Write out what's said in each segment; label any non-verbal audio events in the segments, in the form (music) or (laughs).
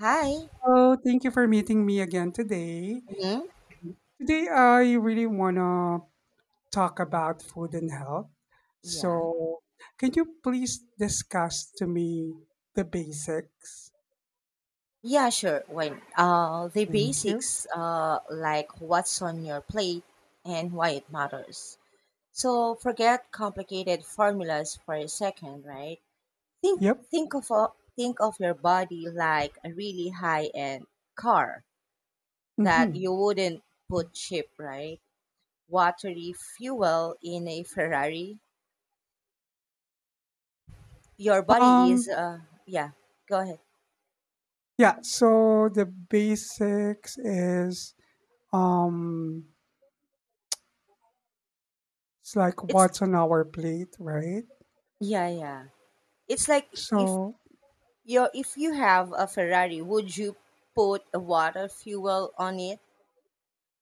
Hi. Oh, thank you for meeting me again today. Hmm. Today, I really want to talk about food and health. Yeah. So, can you please discuss to me the basics? Yeah, sure. When the Thank you. basics, like what's on your plate and why it matters. So forget complicated formulas for a second, right? Think Yep. think of a, think of your body like a really high-end car that Mm-hmm. you wouldn't put cheap, right? Watery fuel in a Ferrari. Your body is, Um. Yeah, go ahead. Yeah. So the basics is um. It's like It's, what's on our plate, right? yeah, yeah. It's like if So, if you have a Ferrari, would you put water fuel on it?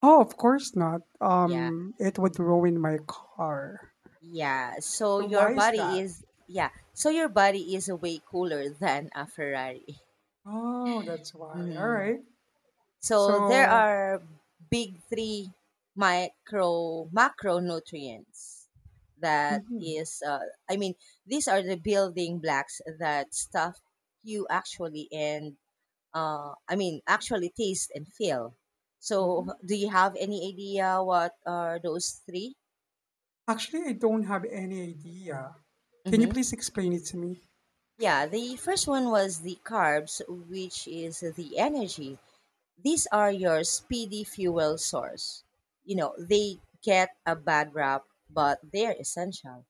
oh, of course not. Yeah, It would ruin my car. yeah. So So your why is body that? is yeah. So your body is way cooler than a Ferrari. Oh, that's why. All Mhm. right. So there So, are big three micro macronutrients that mhm, is, I mean, these are the building blocks that stuff you actually and, I mean, actually taste and feel. So, mhm. do you have any idea what are those 3? Actually, I don't have any idea. Can you Mm-hmm. please explain it to me? Yeah, the first one was the carbs, which is the energy. These are your speedy fuel source. You know, they get a bad rap, but they're essential.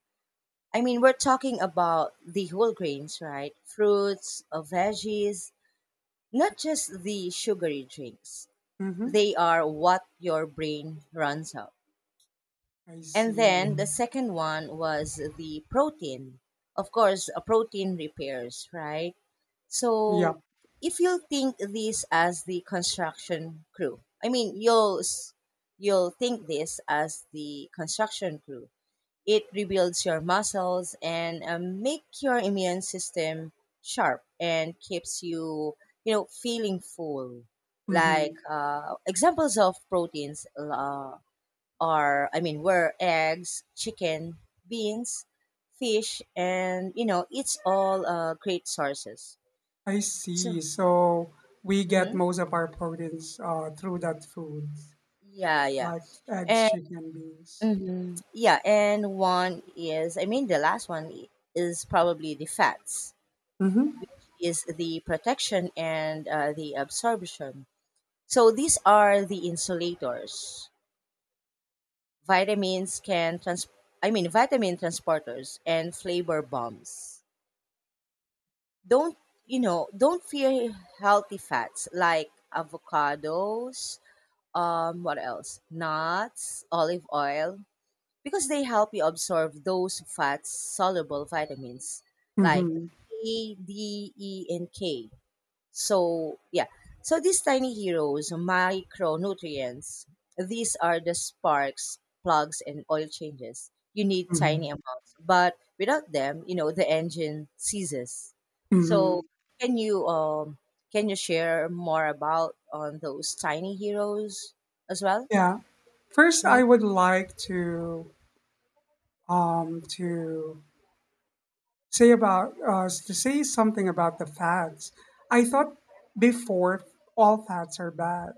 I mean, we're talking about the whole grains, right? Fruits, veggies, not just the sugary drinks. Mm-hmm. They are what your brain runs on. I And see. then the second one was the protein. Of course, a protein repairs, right? Yeah. So if you think this as the construction crew, I mean, you'll think this as the construction crew. It rebuilds your muscles and, make your immune system sharp and keeps you, feeling full. Like, Mm-hmm. Examples of proteins, are I mean were eggs, chicken, beans, fish, and you know it's all, great sources. I So, see. So we get hmm most of our proteins through that food, yeah, yeah, like eggs, and, chicken, and beans. Yeah, and one is, I mean, the last one is probably the fats, Mm-hmm. is the protection and, the absorption. So these are the insulators. Vitamins can trans I mean, vitamin transporters and flavor bombs. Don't, you know, don't fear healthy fats like avocados, what else, nuts, olive oil, because they help you absorb those fats soluble vitamins like Mm-hmm. A, D, E, and K. So yeah. So these tiny heroes, micronutrients, these are the sparks, plugs, and oil changes. You need tiny Mm-hmm. amounts. But without them, you know, the engine ceases. So, Mm-hmm. can you, can you share more about on those tiny heroes as well? Yeah. First, Mm-hmm. I would like to um to say something about the fads. I thought before all fads are bad,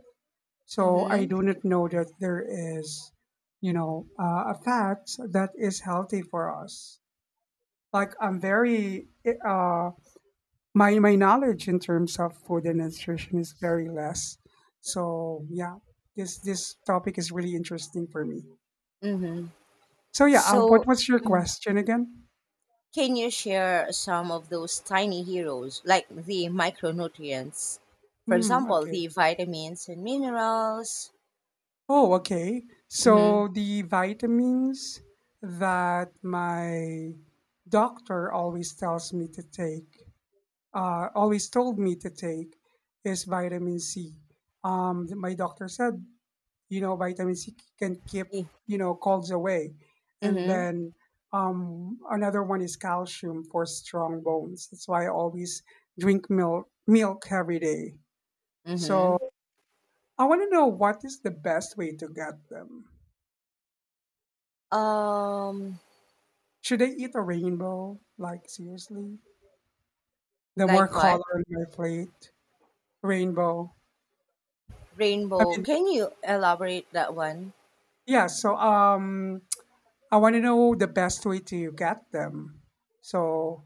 so I Mm-hmm. do not know that there is a fad that is healthy for us. Like I'm very my my knowledge in terms of food and nutrition is very less. So yeah, this topic is really interesting for me. Mm-hmm. So yeah, what So, was your question again? can you share some of those tiny heroes, like the micronutrients? For Hmm. example, the Okay. vitamins and minerals. Oh, okay. Mm-hmm. So the vitamins that my doctor always told me to take, is vitamin C. My doctor said, you know, vitamin C can keep colds away. And Mm-hmm. then another one is calcium for strong bones. That's why I always drink milk every day. Mm-hmm. So I want to know what is the best way to get them. Um, Should I eat a rainbow? Like, seriously? The more like what? color on my plate, rainbow. I Rainbow. mean, Can you elaborate that one? (laughs) yeah, so I want to know the best way to get them. So,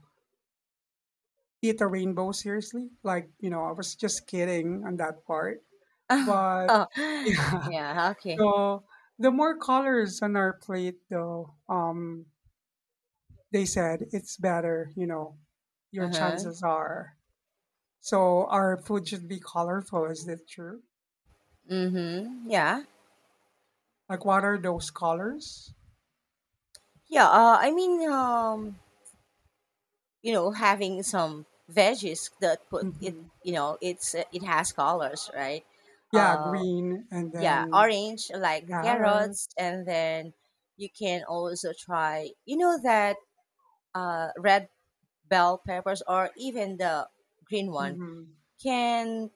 eat a rainbow, seriously? Like, you know, I was just kidding on that part. But, Oh, (laughs) (sighs) yeah, yeah, okay. so the more colors on our plate, though, they said it's better, you know, your Uh-huh. chances are. So, our food should be colorful. Is that true? Mm-hmm. Yeah. Like, what are those colors? Yeah, I mean, you know, having some veggies that put it, Mhm. you know, it has colors, right? Yeah, Uh. green and Yeah, then orange like the carrot. carrots, and then you can also try, you know, that, red bell peppers, or even the green one Mhm. can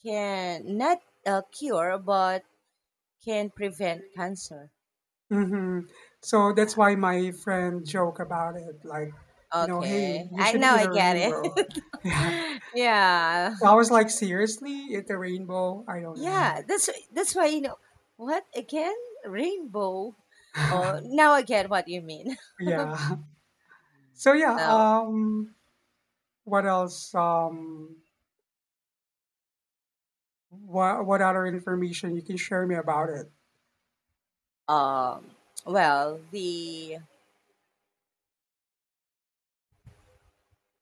can not, cure but can prevent cancer. Mm-hmm. So Yeah. that's why my friend joke about it, like, you know, hey, Okay. you I should Now eat I a get it. rainbow. (laughs) Yeah. (laughs) yeah. So I was like, seriously, eat a rainbow? I don't know. Yeah. That's why, you know what, again, rainbow. Oh, (laughs) now I get what you mean. (laughs) Yeah. So yeah, Now, what else? What other information you can share me about it? um, well, the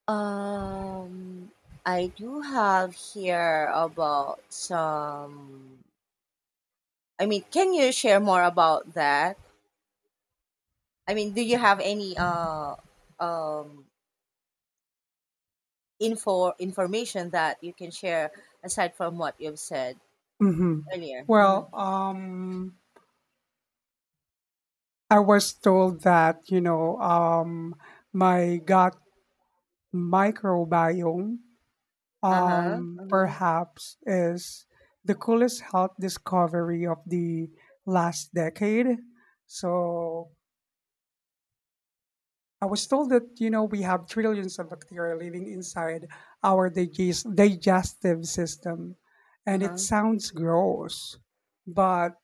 Um, I do have here about some. I mean, can you share more about that? I mean, do you have any um information that you can share aside from what you've said Mhm. earlier? Uh-huh. Well, I was told that, you know, my gut microbiome Uh-huh. Uh-huh. perhaps is the coolest health discovery of the last decade. So I was told that, you know, we have trillions of bacteria living inside our digestive system. And it Uh-huh. sounds gross, but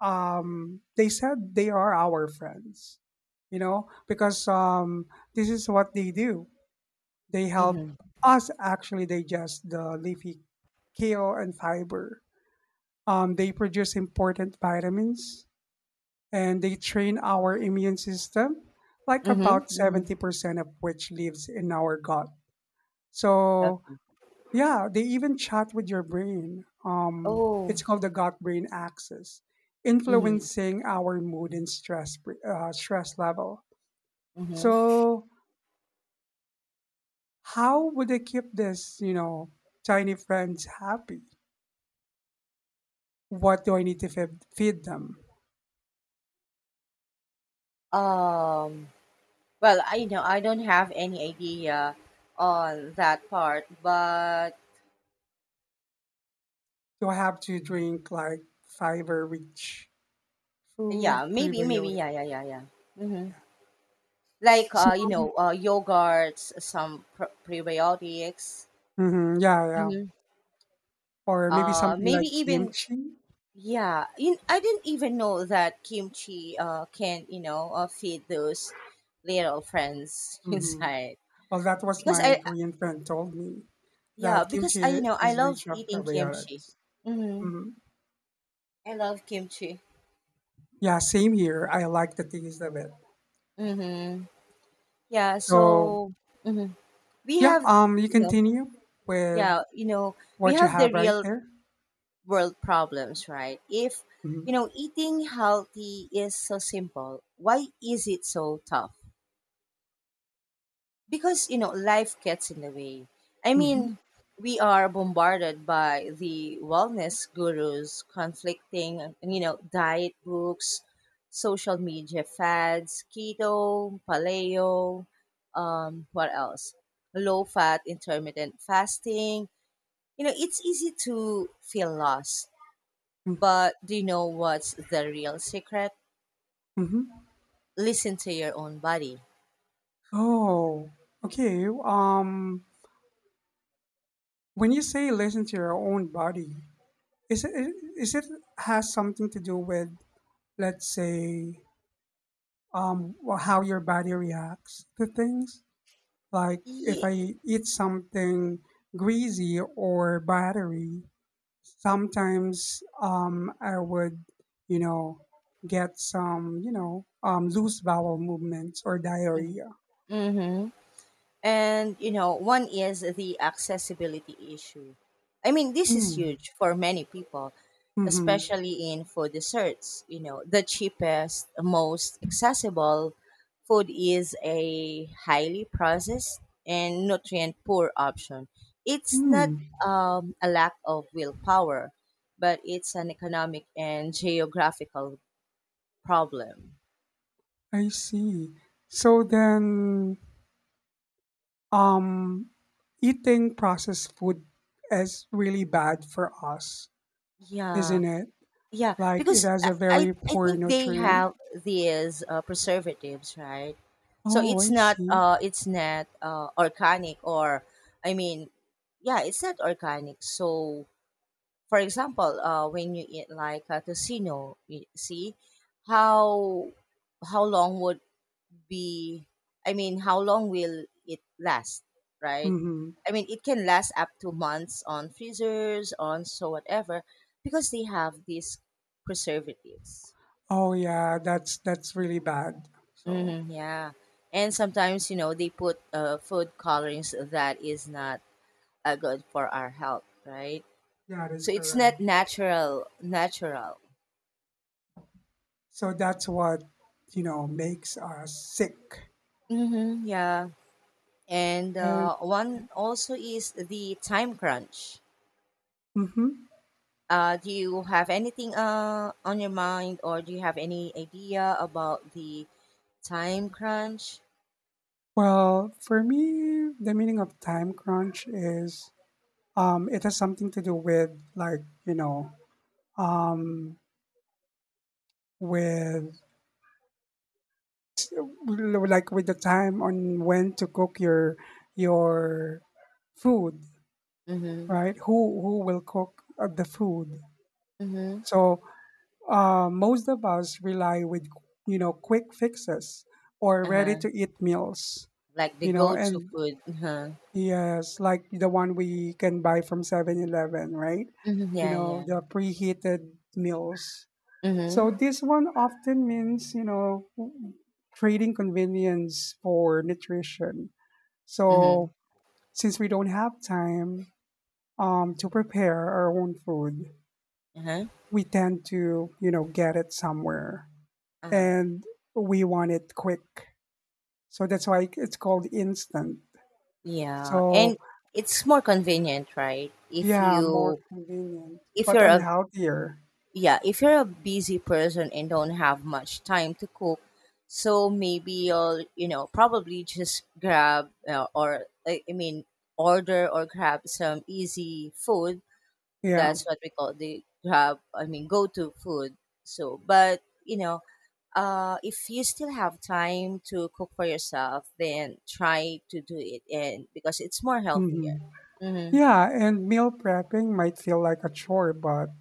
they said they are our friends, you know, because this is what they do. They help Mm-hmm. us actually digest the leafy kale and fiber. They produce important vitamins and they train our immune system, like Mm-hmm. about Hmm. 70% of which lives in our gut. Okay. So yeah, they even chat with your brain. Oh. It's called the gut-brain axis, Mm-hmm. influencing our mood and stress level. Mm-hmm. So, how would I keep this tiny friends happy? What do I need to feed them? Um. Well, I know I don't have any idea on that part, but Do I have to drink like fiber-rich food, yeah, maybe, maybe, prebiotic? yeah, yeah, yeah, yeah. Mm-hmm. Yeah. Like, So, you know, yogurts, some prebiotics. mhm, yeah, yeah, Hmm. or maybe something Maybe like even, kimchi. yeah. I didn't even know that kimchi, can, you know, feed those little friends (laughs) hmm inside Well, that was because my I, Korean friend told me. yeah, That because I you kimchi know I is love rich of eating kimchi. probiotics. Mm-hmm. Mhm. I love kimchi. Yeah, same here. I like the taste of it. Mm-hmm. Yeah. So So, hmm we yeah, have you you know continue yeah with you know we what you have the have right real there. world problems, right? If, you Mm-hmm. know, eating healthy is so simple, why is it so tough? Because, you know, life gets in the way. I Mm-hmm. mean, we are bombarded by the wellness gurus, conflicting, you know, diet books, social media fads, keto, paleo, what else? Low fat, intermittent fasting. You know, it's easy to feel lost. Mm-hmm. But do you know what's the real secret? Mm-hmm. Listen to your own body. Oh, okay. When you say listen to your own body, is it is it has something to do with, let's say, how your body reacts to things? Like if Yeah. I eat something greasy or buttery, sometimes I would, you know, get some loose bowel movements or diarrhea. Mm-hmm. And, you know, one is the accessibility issue. I mean, this is Mm. huge for many people, Hmm. especially in food desserts. You know, the cheapest, most accessible food is a highly processed and nutrient poor option. It's not, Mm. A lack of willpower, but it's an economic and geographical problem. I see. So then, um, eating processed food is really bad for us, Yeah. isn't it? Yeah, Like it because has I a I very I poor think they nutrient. have these, preservatives, right? So Oh, it's I not see. uh it's not uh organic or, I mean, yeah, it's not organic. So for example, when you eat like a casino, you see how how long would be I mean, how long will it last, right? Mm-hmm. I mean, it can last up to months on freezers, on so whatever, because they have these preservatives. Oh yeah, that's really bad. So Mm-hmm, yeah. And sometimes, you know, they put, food colorings that is not, good for our health, right? yeah, that is So it's not correct. natural, natural. So that's what you know makes us sick. Mm-hmm, yeah. And, And one also is the time crunch. hmm Do you have anything, on your mind, or do you have any idea about the time crunch? well, for me, the meaning of time crunch is it has something to do with like you know um, with with the time on when to cook your your food, Mm-hmm. right? Who will cook the food? Mm-hmm. So most of us rely with quick fixes or ready to Uh-huh. eat meals. Like the You know, go-to and food. Uh-huh. yes, like the one we can buy from 7-Eleven, right? Mm-hmm. You Yeah, know, yeah. the preheated meals. Mm-hmm. So this one often means trading convenience for nutrition. Mm-hmm. So since we don't have time to prepare our own food, Uh-huh. we tend to get it somewhere. Uh-huh. And we want it quick. So that's why it's called instant. Yeah, and So it's more convenient, right? If yeah, more you convenient, if but you're unhealthier. yeah if you're a busy person and don't have much time to cook, so maybe you'll, you know, probably just grab, or I mean order or grab some easy food. Yeah. That's what we call the grab, I mean, go to food. So, but you know, if you still have time to cook for yourself, then try to do it, and because it's more healthier. Hmm. Mm-hmm. Yeah, and meal prepping might feel like a chore, but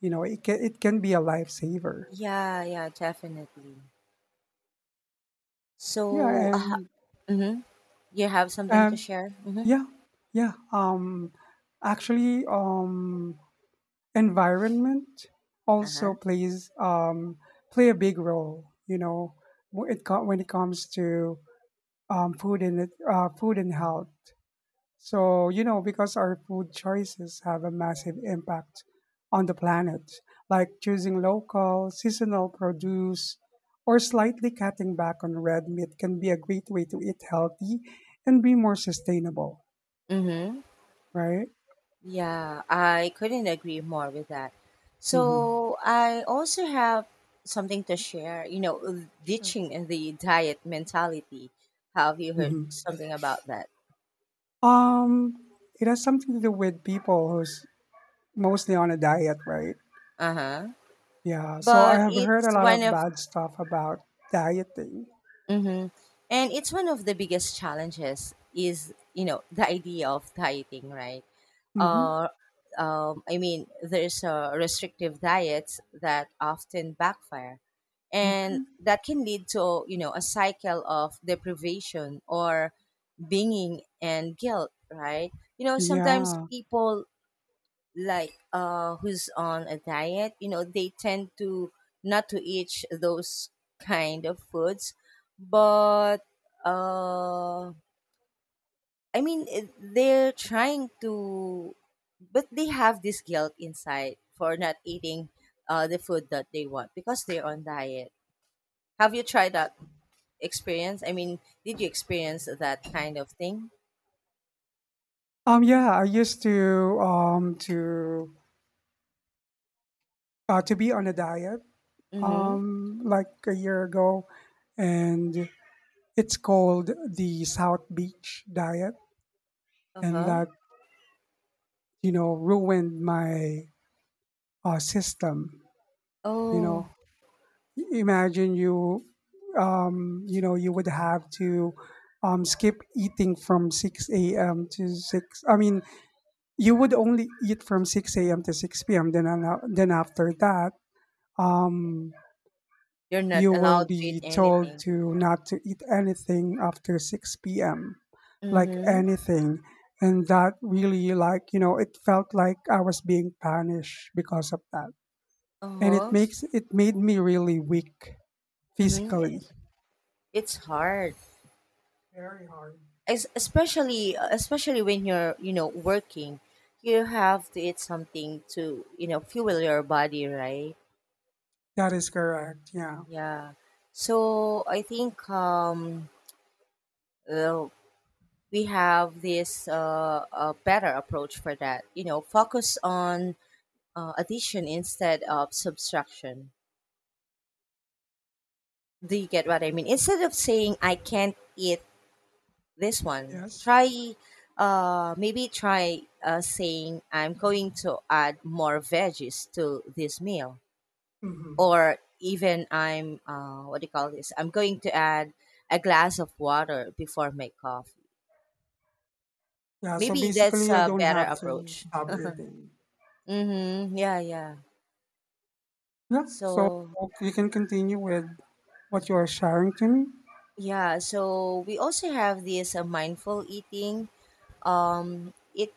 you know it can be a lifesaver. Yeah, yeah, definitely. Yeah, So, and mhm. You have something to um, share? Mm-hmm. yeah, yeah. Actually, environment Uh-huh. also plays play a big role. When it comes to food and health. So because our food choices have a massive impact on the planet, like choosing local, seasonal produce, or slightly cutting back on red meat can be a great way to eat healthy and be more sustainable. Mm-hmm. Right? Yeah, I couldn't agree more with that. Hmm. So I also have something to share, you know, Sure. ditching the diet mentality. Have you heard hmm something about that? Um, it has something to do with people who's mostly on a diet, right? Uh-huh. Yeah. So I But have heard a it's lot one of of. bad stuff about dieting. Mm-hmm. And it's one of the biggest challenges is, you know, the idea of dieting, right? Hmm. uh, I mean, there's, restrictive diets that often backfire, and Mhm. that can lead to, you know, a cycle of deprivation or binging and guilt, right? You know, sometimes Yeah. people like, who's on a diet, you know, they tend to not to eat those kind of foods, but, uh I mean, they're trying to, but they have this guilt inside for not eating, the food that they want because they're on diet. Have you tried that experience? I mean, did you experience that kind of thing? Yeah, I used to be on a diet Mm-hmm. Like a year ago, and it's called the South Beach diet, and Uh-huh. that ruined my system, you Oh, know. Imagine you would have to skip eating from 6 a.m. to 6, I mean, you would only eat from 6 a.m. to 6 p.m. Then, after that, um, you're not you will allowed to eat be told anything. to not to eat anything after 6 p.m. Like Mm-hmm. anything, and that really like it felt like I was being punished because of that, and it Uh-huh. makes it made me really weak Mm-hmm. physically. It's hard. Very hard. Especially when you're, you know, working, you have to eat something to, you know, fuel your body, right? That is correct. Yeah. Yeah. So I think, uh, we have this, a better approach for that. You know, focus on, addition instead of subtraction. Do you get what I mean? Instead of saying I can't eat this one, Yes. try, maybe try, saying I'm going to add more veggies to this meal, Hmm. or even I'm, what do you call this? I'm going to add a glass of water before my coffee. Yeah. So Maybe that's basically, I a don't better have to approach. stop eating. Mm-hmm. Yeah, yeah. Yeah, so So you can continue with what you are sharing to me. yeah, so we also have this, mindful eating. Um, it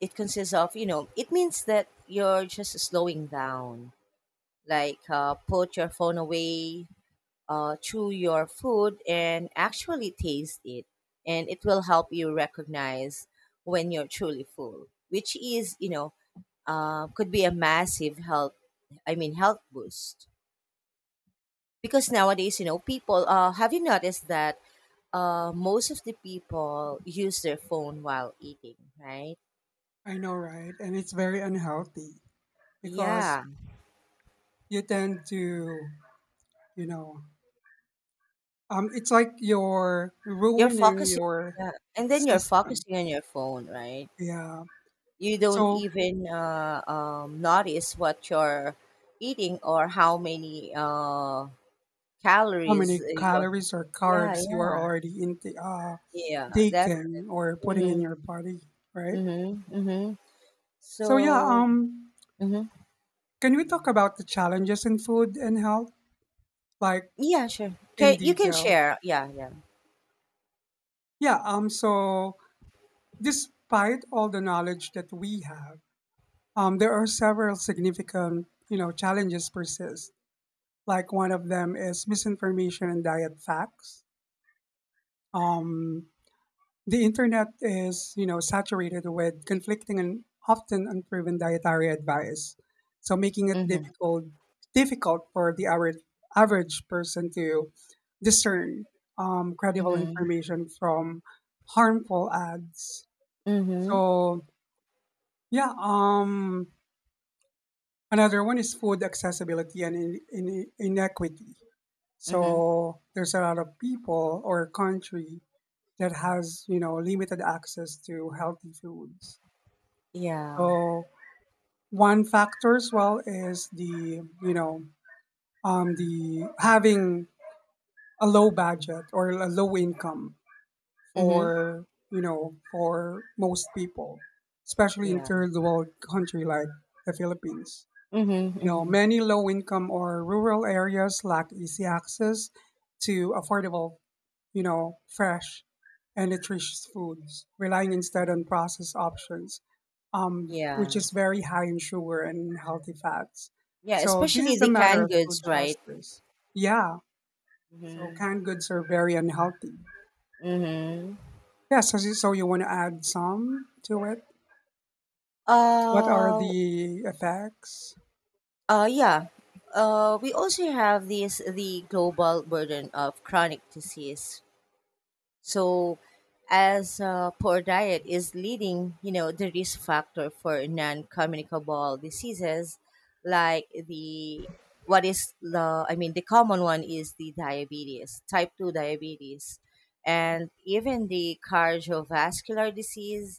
it consists of, you know, it means that you're just slowing down, like, put your phone away, chew your food, and actually taste it, and it will help you recognize when you're truly full, which is, you know, could be a massive health. I mean health boost. Because nowadays, you know, people, have you noticed that, most of the people use their phone while eating, right? I know, right? And it's very unhealthy because Yeah. you tend to, you know, it's like you're You're ruining focusing, your yeah. And then you're system. focusing on your phone, right? Yeah. You don't So even, notice what you're eating or how many, how calories, many you're. calories or Yeah, carbs you are yeah. already in Yeah, definitely. taking or putting in Mm-hmm, your body, right? mm-hmm, mm-hmm. So yeah, So, mm-hmm. can we talk about the challenges in food and health, like Yeah, sure. in Okay, you can detail? share. Yeah, yeah. Yeah. So despite all the knowledge that we have, there are several significant challenges persist. Like one of them is misinformation and diet facts. Um, the internet is saturated with conflicting and often unproven dietary advice, so making it Mm-hmm, difficult for the average person to discern credible mm-hmm. information from harmful ads. Mhm. So yeah, another one is food accessibility and inequity. Mhm. So there's a lot of people or country that has limited access to healthy foods. Yeah. So one factor as well is the you know the having a low budget or a low income Mhm. for you know for most people, especially in Yeah. third world country like the Philippines. Mhm. You know, Mhm. many low-income or rural areas lack easy access to affordable, fresh and nutritious foods, relying instead on processed options, which Yeah. is very high in sugar and healthy fats. Yeah. So this Especially is a the matter canned of goods, food right? justice. Yeah. So Mhm. canned goods are very unhealthy. Mhm. Yeah. So you want to add some to it? What are Uh. the effects? Yeah. We also have this the global burden of chronic disease. So, as, poor diet is leading, you know, the risk factor for non-communicable diseases, like the what is the I mean the common one is the diabetes, type 2 diabetes, and even the cardiovascular disease,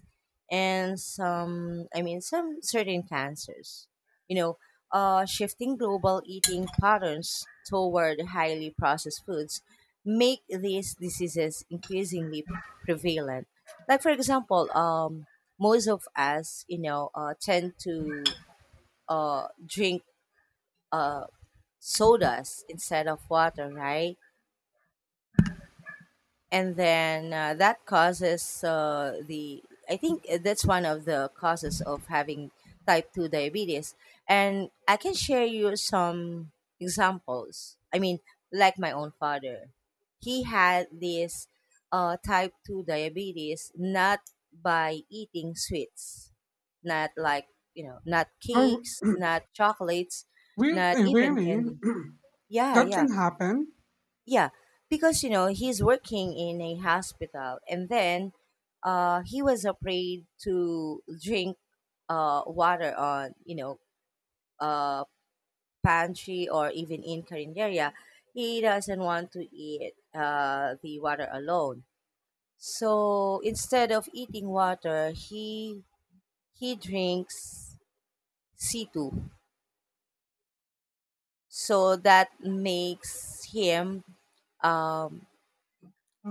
and some, I mean, some certain cancers. You know, shifting global eating patterns toward highly processed foods make these diseases increasingly prevalent. Like for example, most of us, you know, tend to, drink, uh, sodas instead of water, right? And then that causes the I think that's one of the causes of having type 2 diabetes. And I can share you some examples. Like my own father, he had this type 2 diabetes, not by eating sweets, not like, you know, not Oh, cakes, not chocolates, really? not even Really? candy. (clears throat) Yeah, That yeah, can happen. yeah, because you know he's working in a hospital and then he was afraid to drink water on, you know, uh pantry or even in carinderia. He doesn't want to eat the water alone, so instead of eating water, he drinks C2. So that makes him, um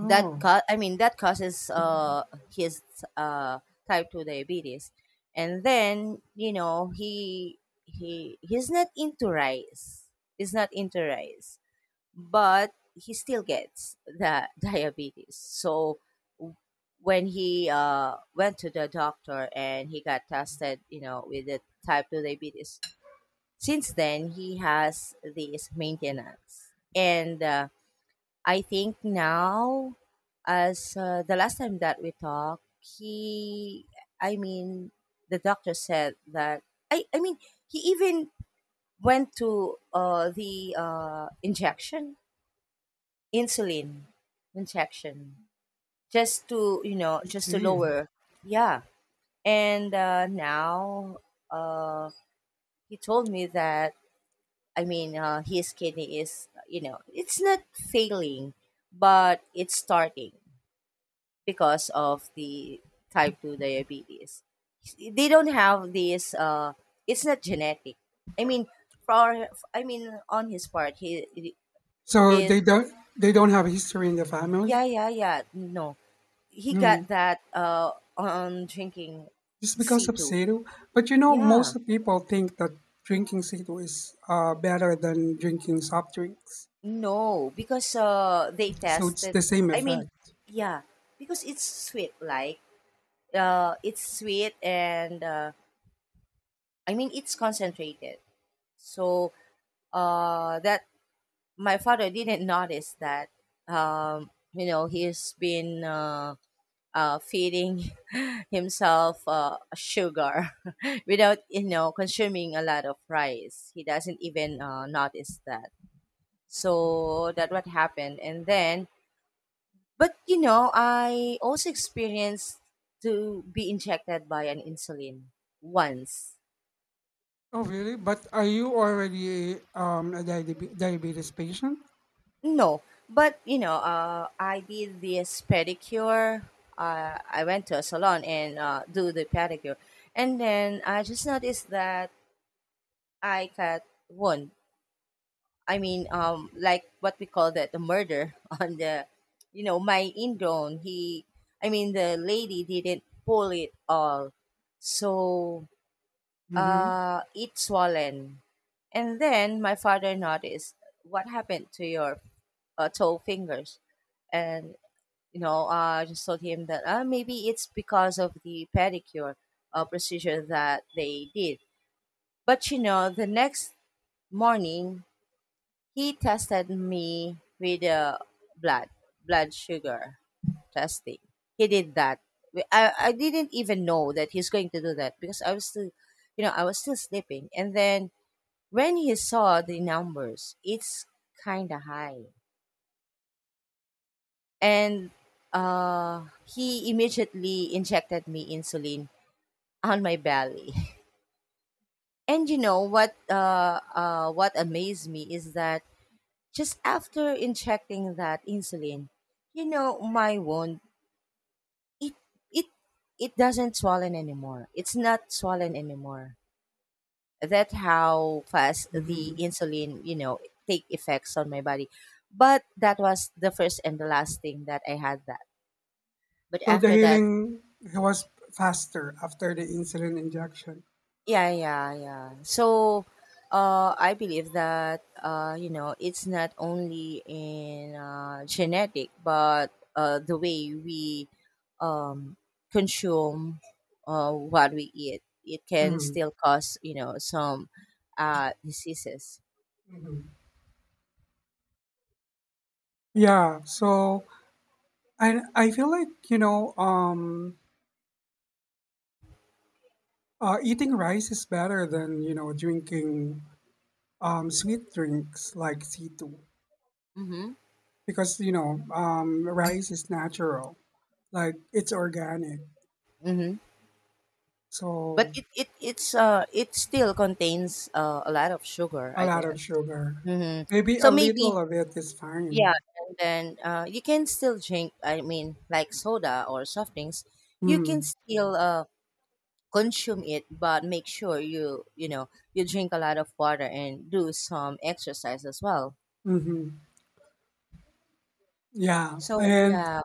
that ca- I mean that causes his uh type 2 diabetes. And then, you know, he he's not into rice, he's not into rice but he still gets the (laughs) diabetes. So w- when he went to the doctor and he got tested, you know, with the type 2 diabetes, since then he has this maintenance. And I think now, as the last time that we talked, he, I mean, the doctor said that, I, I mean, he even went to the injection, insulin injection, just to, you know, I just to see. lower. Yeah. And now, uh, he told me that, his kidney is, you know, it's not failing, but it's starting because of the type 2 diabetes. They don't have this it's not genetic. I mean for I mean On his part, he So is. they don't have history in the family? Yeah, yeah, yeah, no, he Mm. got that on drinking Just because of C2. Sado? But you know, Yeah. most people think that drinking Sado is better than drinking soft drinks. No, because they So it's tested. the same I mean effect. yeah, because it's sweet, like, it's sweet and it's concentrated. So, that, my father didn't notice that, you know, he's been feeding (laughs) himself sugar (laughs) without, you know, consuming a lot of rice. He doesn't even notice that. So that what happened. And then, but you know, I also experienced to be injected by an insulin once. Oh, really? But are you already a diabetes patient? No, but you know, I did this pedicure. I went to a salon and do the pedicure, and then I just noticed that I got one. Like what we call that, the murder (laughs) on the, you know, my indone. The lady didn't pull it all, so hmm it swollen. And then my father noticed, what happened to your toe fingers? And, you know, I just told him that maybe it's because of the pedicure procedure that they did. But, you know, the next morning, he tested me with blood, blood sugar testing. He did that. I didn't even know that he's going to do that because I was still, you know, I was still sleeping. And then when he saw the numbers, it's kind of high. And he immediately injected me insulin (laughs) on my belly. (laughs) And you know what? What amazed me is that just after injecting that insulin, you know, my wound, it it it doesn't swollen anymore. It's not swollen anymore. That's how fast the hmm insulin, you know, take effects on my body. But that was the first and the last thing that I had that. But So the after that, healing was faster after the insulin injection. yeah, yeah, yeah. So, I believe that, you know, it's not only in genetic, but the way we, um, consume, what we eat, it can Hmm. still cause, you know, some diseases. Hmm. Yeah. So I feel like eating rice is better than drinking sweet drinks like C2, Mm-hmm. because rice is natural, like it's organic, Mm-hmm. But so it it still contains a lot of sugar, a I lot of guess. sugar, Mm-hmm. maybe a So little maybe, of it is yeah, fine. and then you can still drink. I mean, like soda or soft drinks, you can Mm-hmm. still consume it, but make sure you know you drink a lot of water and do some exercise as well. Mm-hmm. Yeah. So And yeah,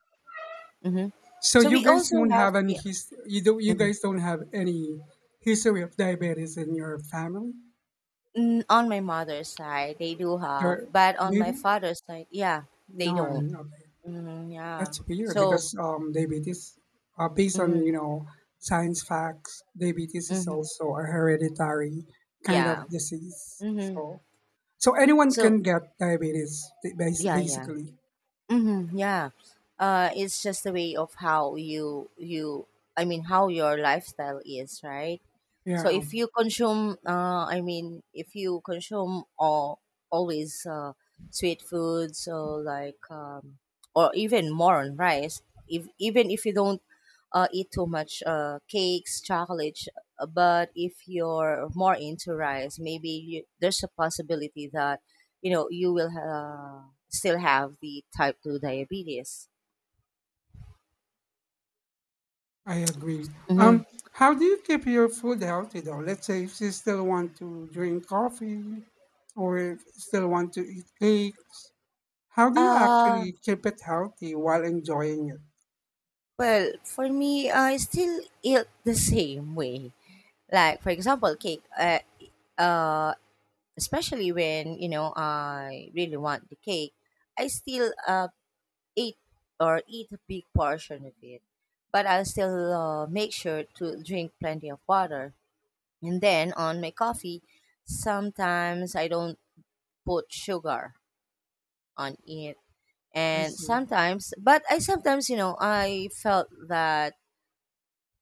mm-hmm. so So you we guys also don't have have the, mhm. Any history of diabetes in your family? Mm, on my mother's side they do have, Your but on my maybe father's side, yeah, they don't. none. Okay, Mhm, yeah. that's weird So because diabetes, based on mhm, you know science facts, diabetes is mhm, also a hereditary kind yeah. of disease. Mhm. So anyone So can get diabetes yeah, yeah. basically. Mhm, yeah. It's just a way of how you you I mean how your lifestyle is, right? So Yeah. if you consume, if you consume all always sweet food, so like, or even more on rice. If even if you don't eat too much cakes, chocolates, but if you're more into rice, maybe there's a possibility that, you know, you will still have the type two diabetes. I agree. Mm-hmm. Um, how do you keep your food healthy though? Let's say if you still want to drink coffee, or if you still want to eat cakes, how do you Uh, actually keep it healthy while enjoying it? well, for me, I still eat the same way. Like for example cake, uh especially when, you know, I really want the cake, I still eat or eat a big portion of it. But I'll still make sure to drink plenty of water. And then on my coffee, sometimes I don't put sugar on it. I And see. sometimes, but I sometimes, you know, I felt that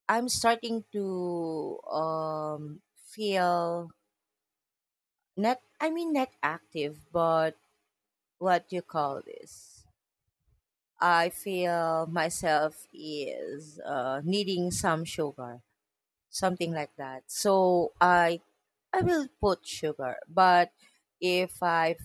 I'm starting to feel, not, not active, but what you call this? I feel myself is needing some sugar, something like that. So I will put sugar, but if I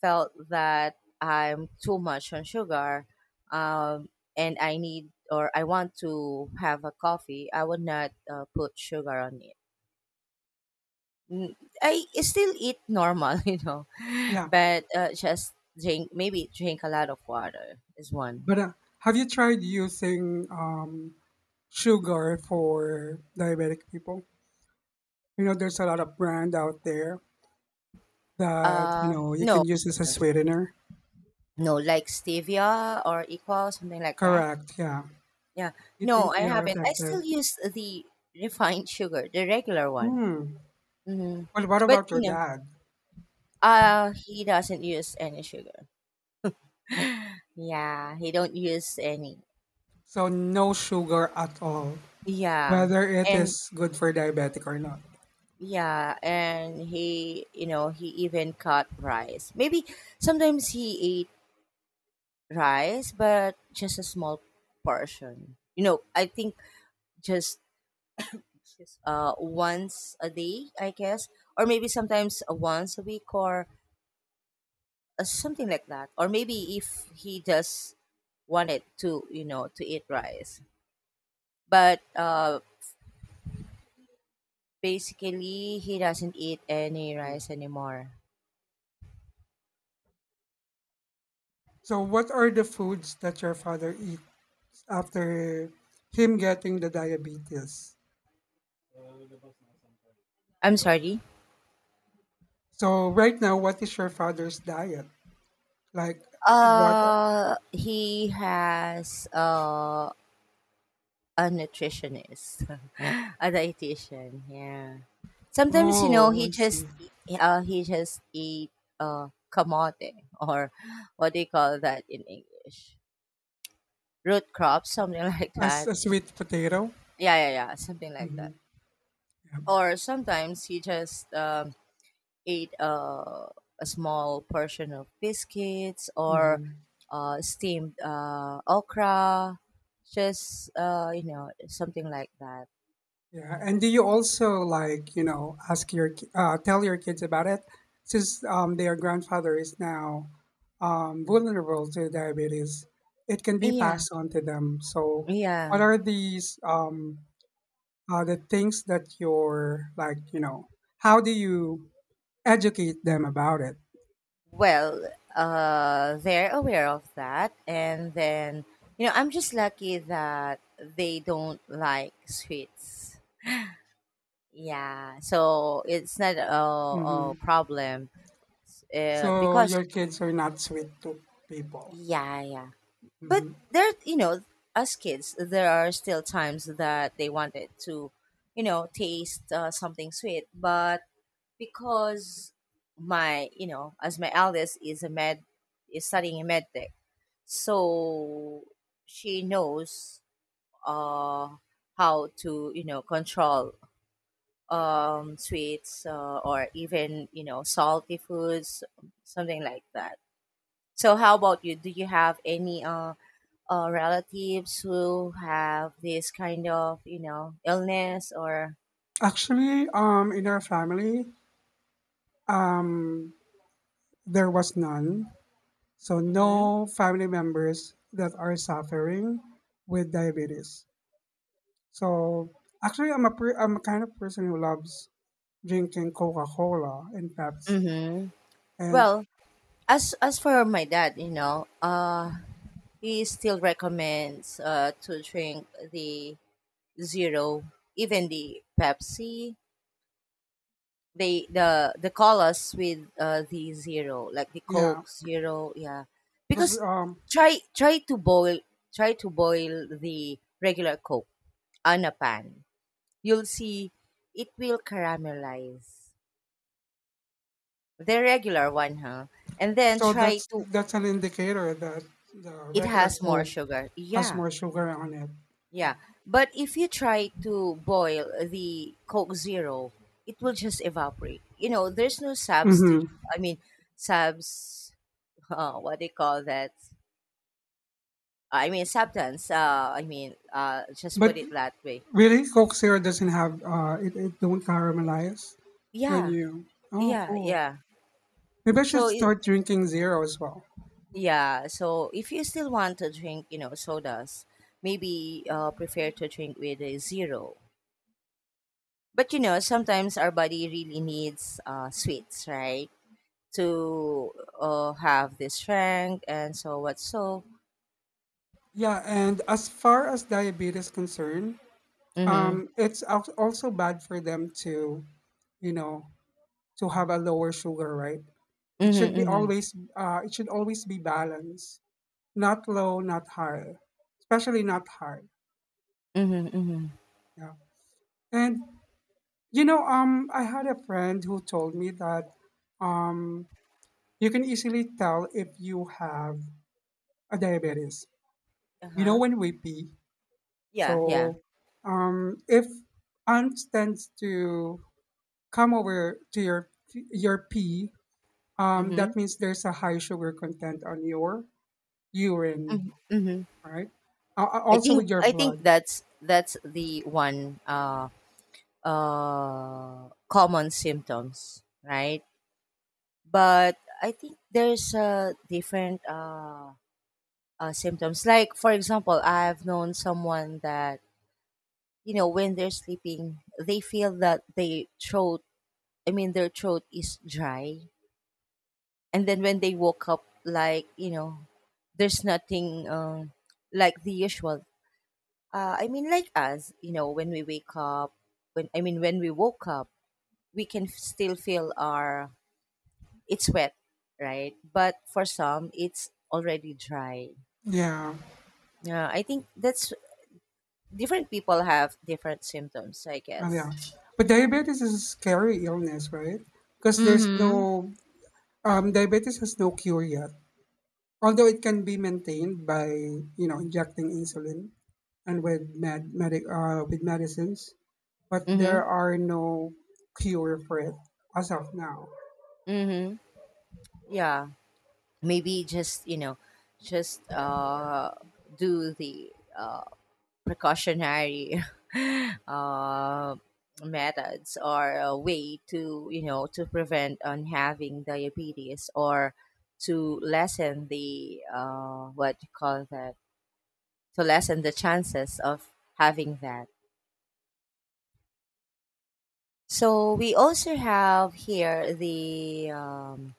felt that I'm too much on sugar, um, and I need, or I want to have a coffee, I would not put sugar on it. N- I still eat normal, (laughs) you know, Yeah. but just drink, maybe drink a lot of water is one. But Have you tried using sugar for diabetic people? You know, there's a lot of brand out there that, you Uh, know, you no, can use as a no, sweetener. no, like stevia or equal, something like that. Correct. Yeah. Yeah, You no, think I they are haven't. I still effective? use the refined sugar, the regular one. Hmm. Hmm. Well, what But about your you know, dad? He doesn't use any sugar. (laughs) Yeah, he don't use any. So no sugar at all, Yeah, whether it and, is good for diabetic or not. yeah, and he, you know, he even cut rice. Maybe sometimes he ate rice, but just a small portion. You know, I think just once a day, I guess, or maybe sometimes once a week or something like that. Or maybe if he just wanted to, you know, to eat rice. But basically he doesn't eat any rice anymore. So what are the foods that your father eats after him getting the diabetes? I'm sorry. So right now, what is your father's diet? Like what are, He has a nutritionist, (laughs) a dietitian. Yeah. Sometimes you know oh, I see. He just eat kamote or what do you call that in English? Root crops, something (laughs) like As that. a sweet potato? Yeah, yeah, yeah, something like Mm-hmm. that. Yeah. Or sometimes he just ate a small portion of biscuits or Mm-hmm. Steamed okra, just you know, something like that. Yeah, and do you also like you know ask your tell your kids about it since their grandfather is now vulnerable to diabetes? It can be Yeah, passed on to them. So, yeah. what are these the things that you're like you know? How do you educate them about it? Well, they're aware of that, and then you know I'm just lucky that they don't like sweets. Yeah, so it's not a, a Hmm. problem So because, your kids are not sweet to people. yeah, yeah. But Hmm. there, you know, as kids, there are still times that they wanted to, you know, taste something sweet. But because my you know as my eldest is a med is studying in med tech, so she knows uh how to, you know, control sweets, or even, you know, salty foods, something like that. So how about you? Do you have any relatives who have this kind of, you know, illness or? Actually, in our family, um, there was none. So Hmm. no family members that are suffering with diabetes. So actually, I'm a I'm a kind of person who loves drinking Coca Cola and Pepsi, Hmm. and Well, as for my dad, you know, he still recommends to drink the zero, even the Pepsi. They, the call us with the zero, like the yeah, Coke zero, yeah, because because try try to boil try to boil the regular Coke on a pan. You'll see it will caramelize. The regular one, huh? And then so try that's to, that's an indicator that the it regular has more Coke sugar. has Yeah. more sugar on it. Yeah. Yeah. But if you try to boil the Coke Zero, it will just evaporate. You know, there's no substitute. Mm-hmm. I mean, subs, what do you call that? I mean substance. Just put But it that way. really, Coke Zero doesn't have It don't caramelize when Yeah. you. Oh, Yeah, cool. yeah. Maybe I should So i- start drinking zero as well. Yeah, so if you still want to drink, you know, sodas, maybe prefer to drink with a zero. But you know, sometimes our body really needs sweets, right? To have this strength and so what so. Yeah, and as far as diabetes concerned, Mhm. It's also bad for them to, you know, to have a lower sugar, right? It Mhm. should be Mhm. always, it should always be balanced, not low, not high, especially not high. Mhm. Mhm. Yeah, and you know, I had a friend who told me that, um, you can easily tell if you have a diabetes. Uh You know huh. when we pee, Yeah. Yeah. so if aunt tends to come over to your pee, Mhm. that means there's a high sugar content on your urine, Mhm. Mhm. right? I Also think with your I think blood. That's the one common symptoms, right? But I think there's a different symptoms. Like for example, I've known someone that, you know, when they're sleeping, they feel that their throat. I mean, their throat is dry, and then when they woke up, like, you know, there's nothing, like the usual. Like us, you know, when we wake up, when I mean when we woke up, we can still feel our, it's wet, right? But for some, it's already dry. Yeah, Yeah, I think that's different people have different symptoms, I yeah. guess. But diabetes is a scary illness, right? Because there's Mm-hmm. no diabetes has no cure yet. Although it can be maintained by you know injecting insulin and with med, medic with medicines, but Mm-hmm. there are no cure for it as of now. Mm-hmm. Yeah. Maybe just, you know, just do the uh precautionary (laughs) uh methods or a way to, you know, to prevent on having diabetes or to lessen the what you call that, to lessen the chances of having that. So we also have here the,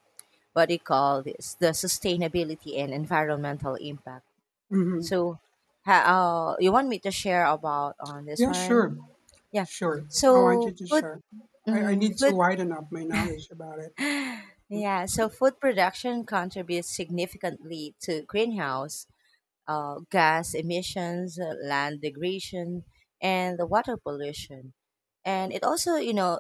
what do you call this? The sustainability and environmental impact. Hmm. So, you want me to share about on this Yeah, one? sure. Yeah. Sure. I want you So to food, share. I mm, need to food, widen up my knowledge about it. yeah. So food production contributes significantly to greenhouse gas emissions, land degradation, and the water pollution. And it also, you know,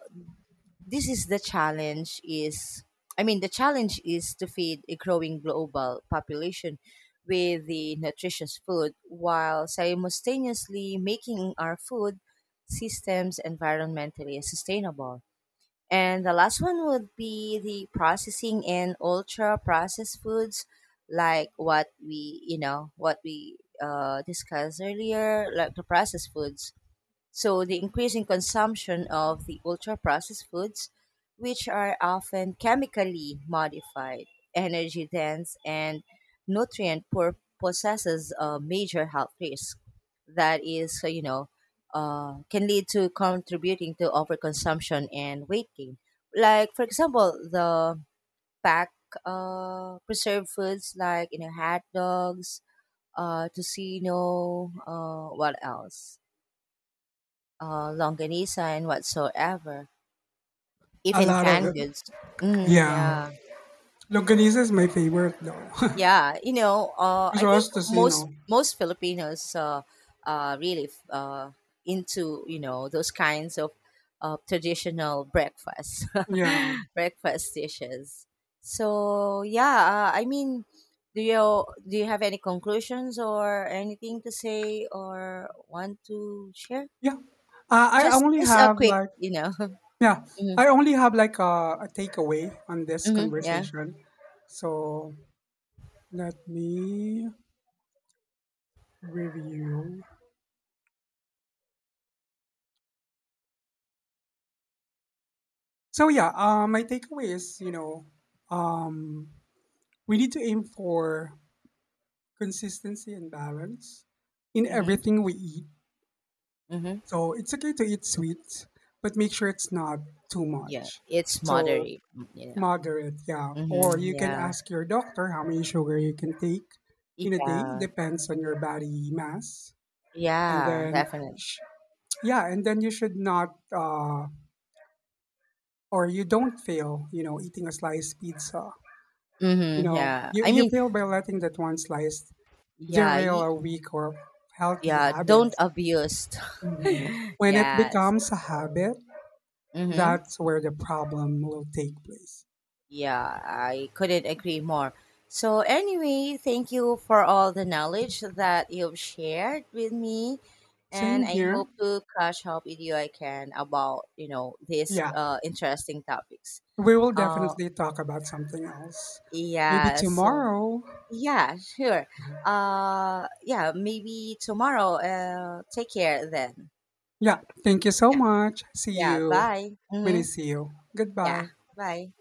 this is the challenge is I mean the challenge is to feed a growing global population with the nutritious food while simultaneously making our food systems environmentally sustainable. And the last one would be the processing and ultra processed foods, like what we, you know, what we discussed earlier, like the processed foods. So the increasing consumption of the ultra processed foods, which are often chemically modified, energy dense, and nutrient poor, possesses a major health risk that is, can lead to contributing to overconsumption and weight gain. Like, for example, the packed preserved foods like, you know, hot dogs, tocino, what else? Longanisa and whatsoever, A even lot of canned it. goods. Mm, Yeah. yeah, Longanisa is my favorite though. (laughs) yeah. You know, As I well as think tocino. most Filipinos are really into, you know, those kinds of traditional breakfast Yeah. (laughs) breakfast dishes. So yeah, do you have any conclusions or anything to say or want to share? Yeah. Uh, I only Just a have quick, like, you know. yeah, (laughs) Hmm. I only have like a takeaway on this Hmm, yeah. conversation. So let me review. My takeaway is, you know, um, we need to aim for consistency and balance in Hmm. everything we eat. Mhm. So it's okay to eat sweets, but make sure it's not too Yeah, much. it's So moderate, mm, you know. moderate, yeah. Or Mhm. you can Yeah. ask your doctor how many sugar you can take in a day. Yeah. Depends on your body mass. And Yeah, then, definitely. sh- yeah, and then you should not, uh, or you don't fail, you know, eating a sliced pizza. You Mhm. know, Yeah. I you mean, fail by letting that one slice yeah, derail y- a week or healthy yeah, habit. don't abuse. Mhm. (laughs) When it Yes. becomes a habit, Mhm. that's where the problem will take place. Yeah, I couldn't agree more. So anyway, thank you for all the knowledge that you've shared with me, and Same I here. hope to catch up with you again about, you know, these Yeah. Interesting topics. We will Uh definitely talk about something else. Maybe yeah, so, tomorrow. yeah, sure. Yeah, maybe tomorrow. Take care then. Yeah. Thank you so Yeah, much. See yeah. you Bye. when I Mm-hmm. see you. Yeah, Goodbye. bye.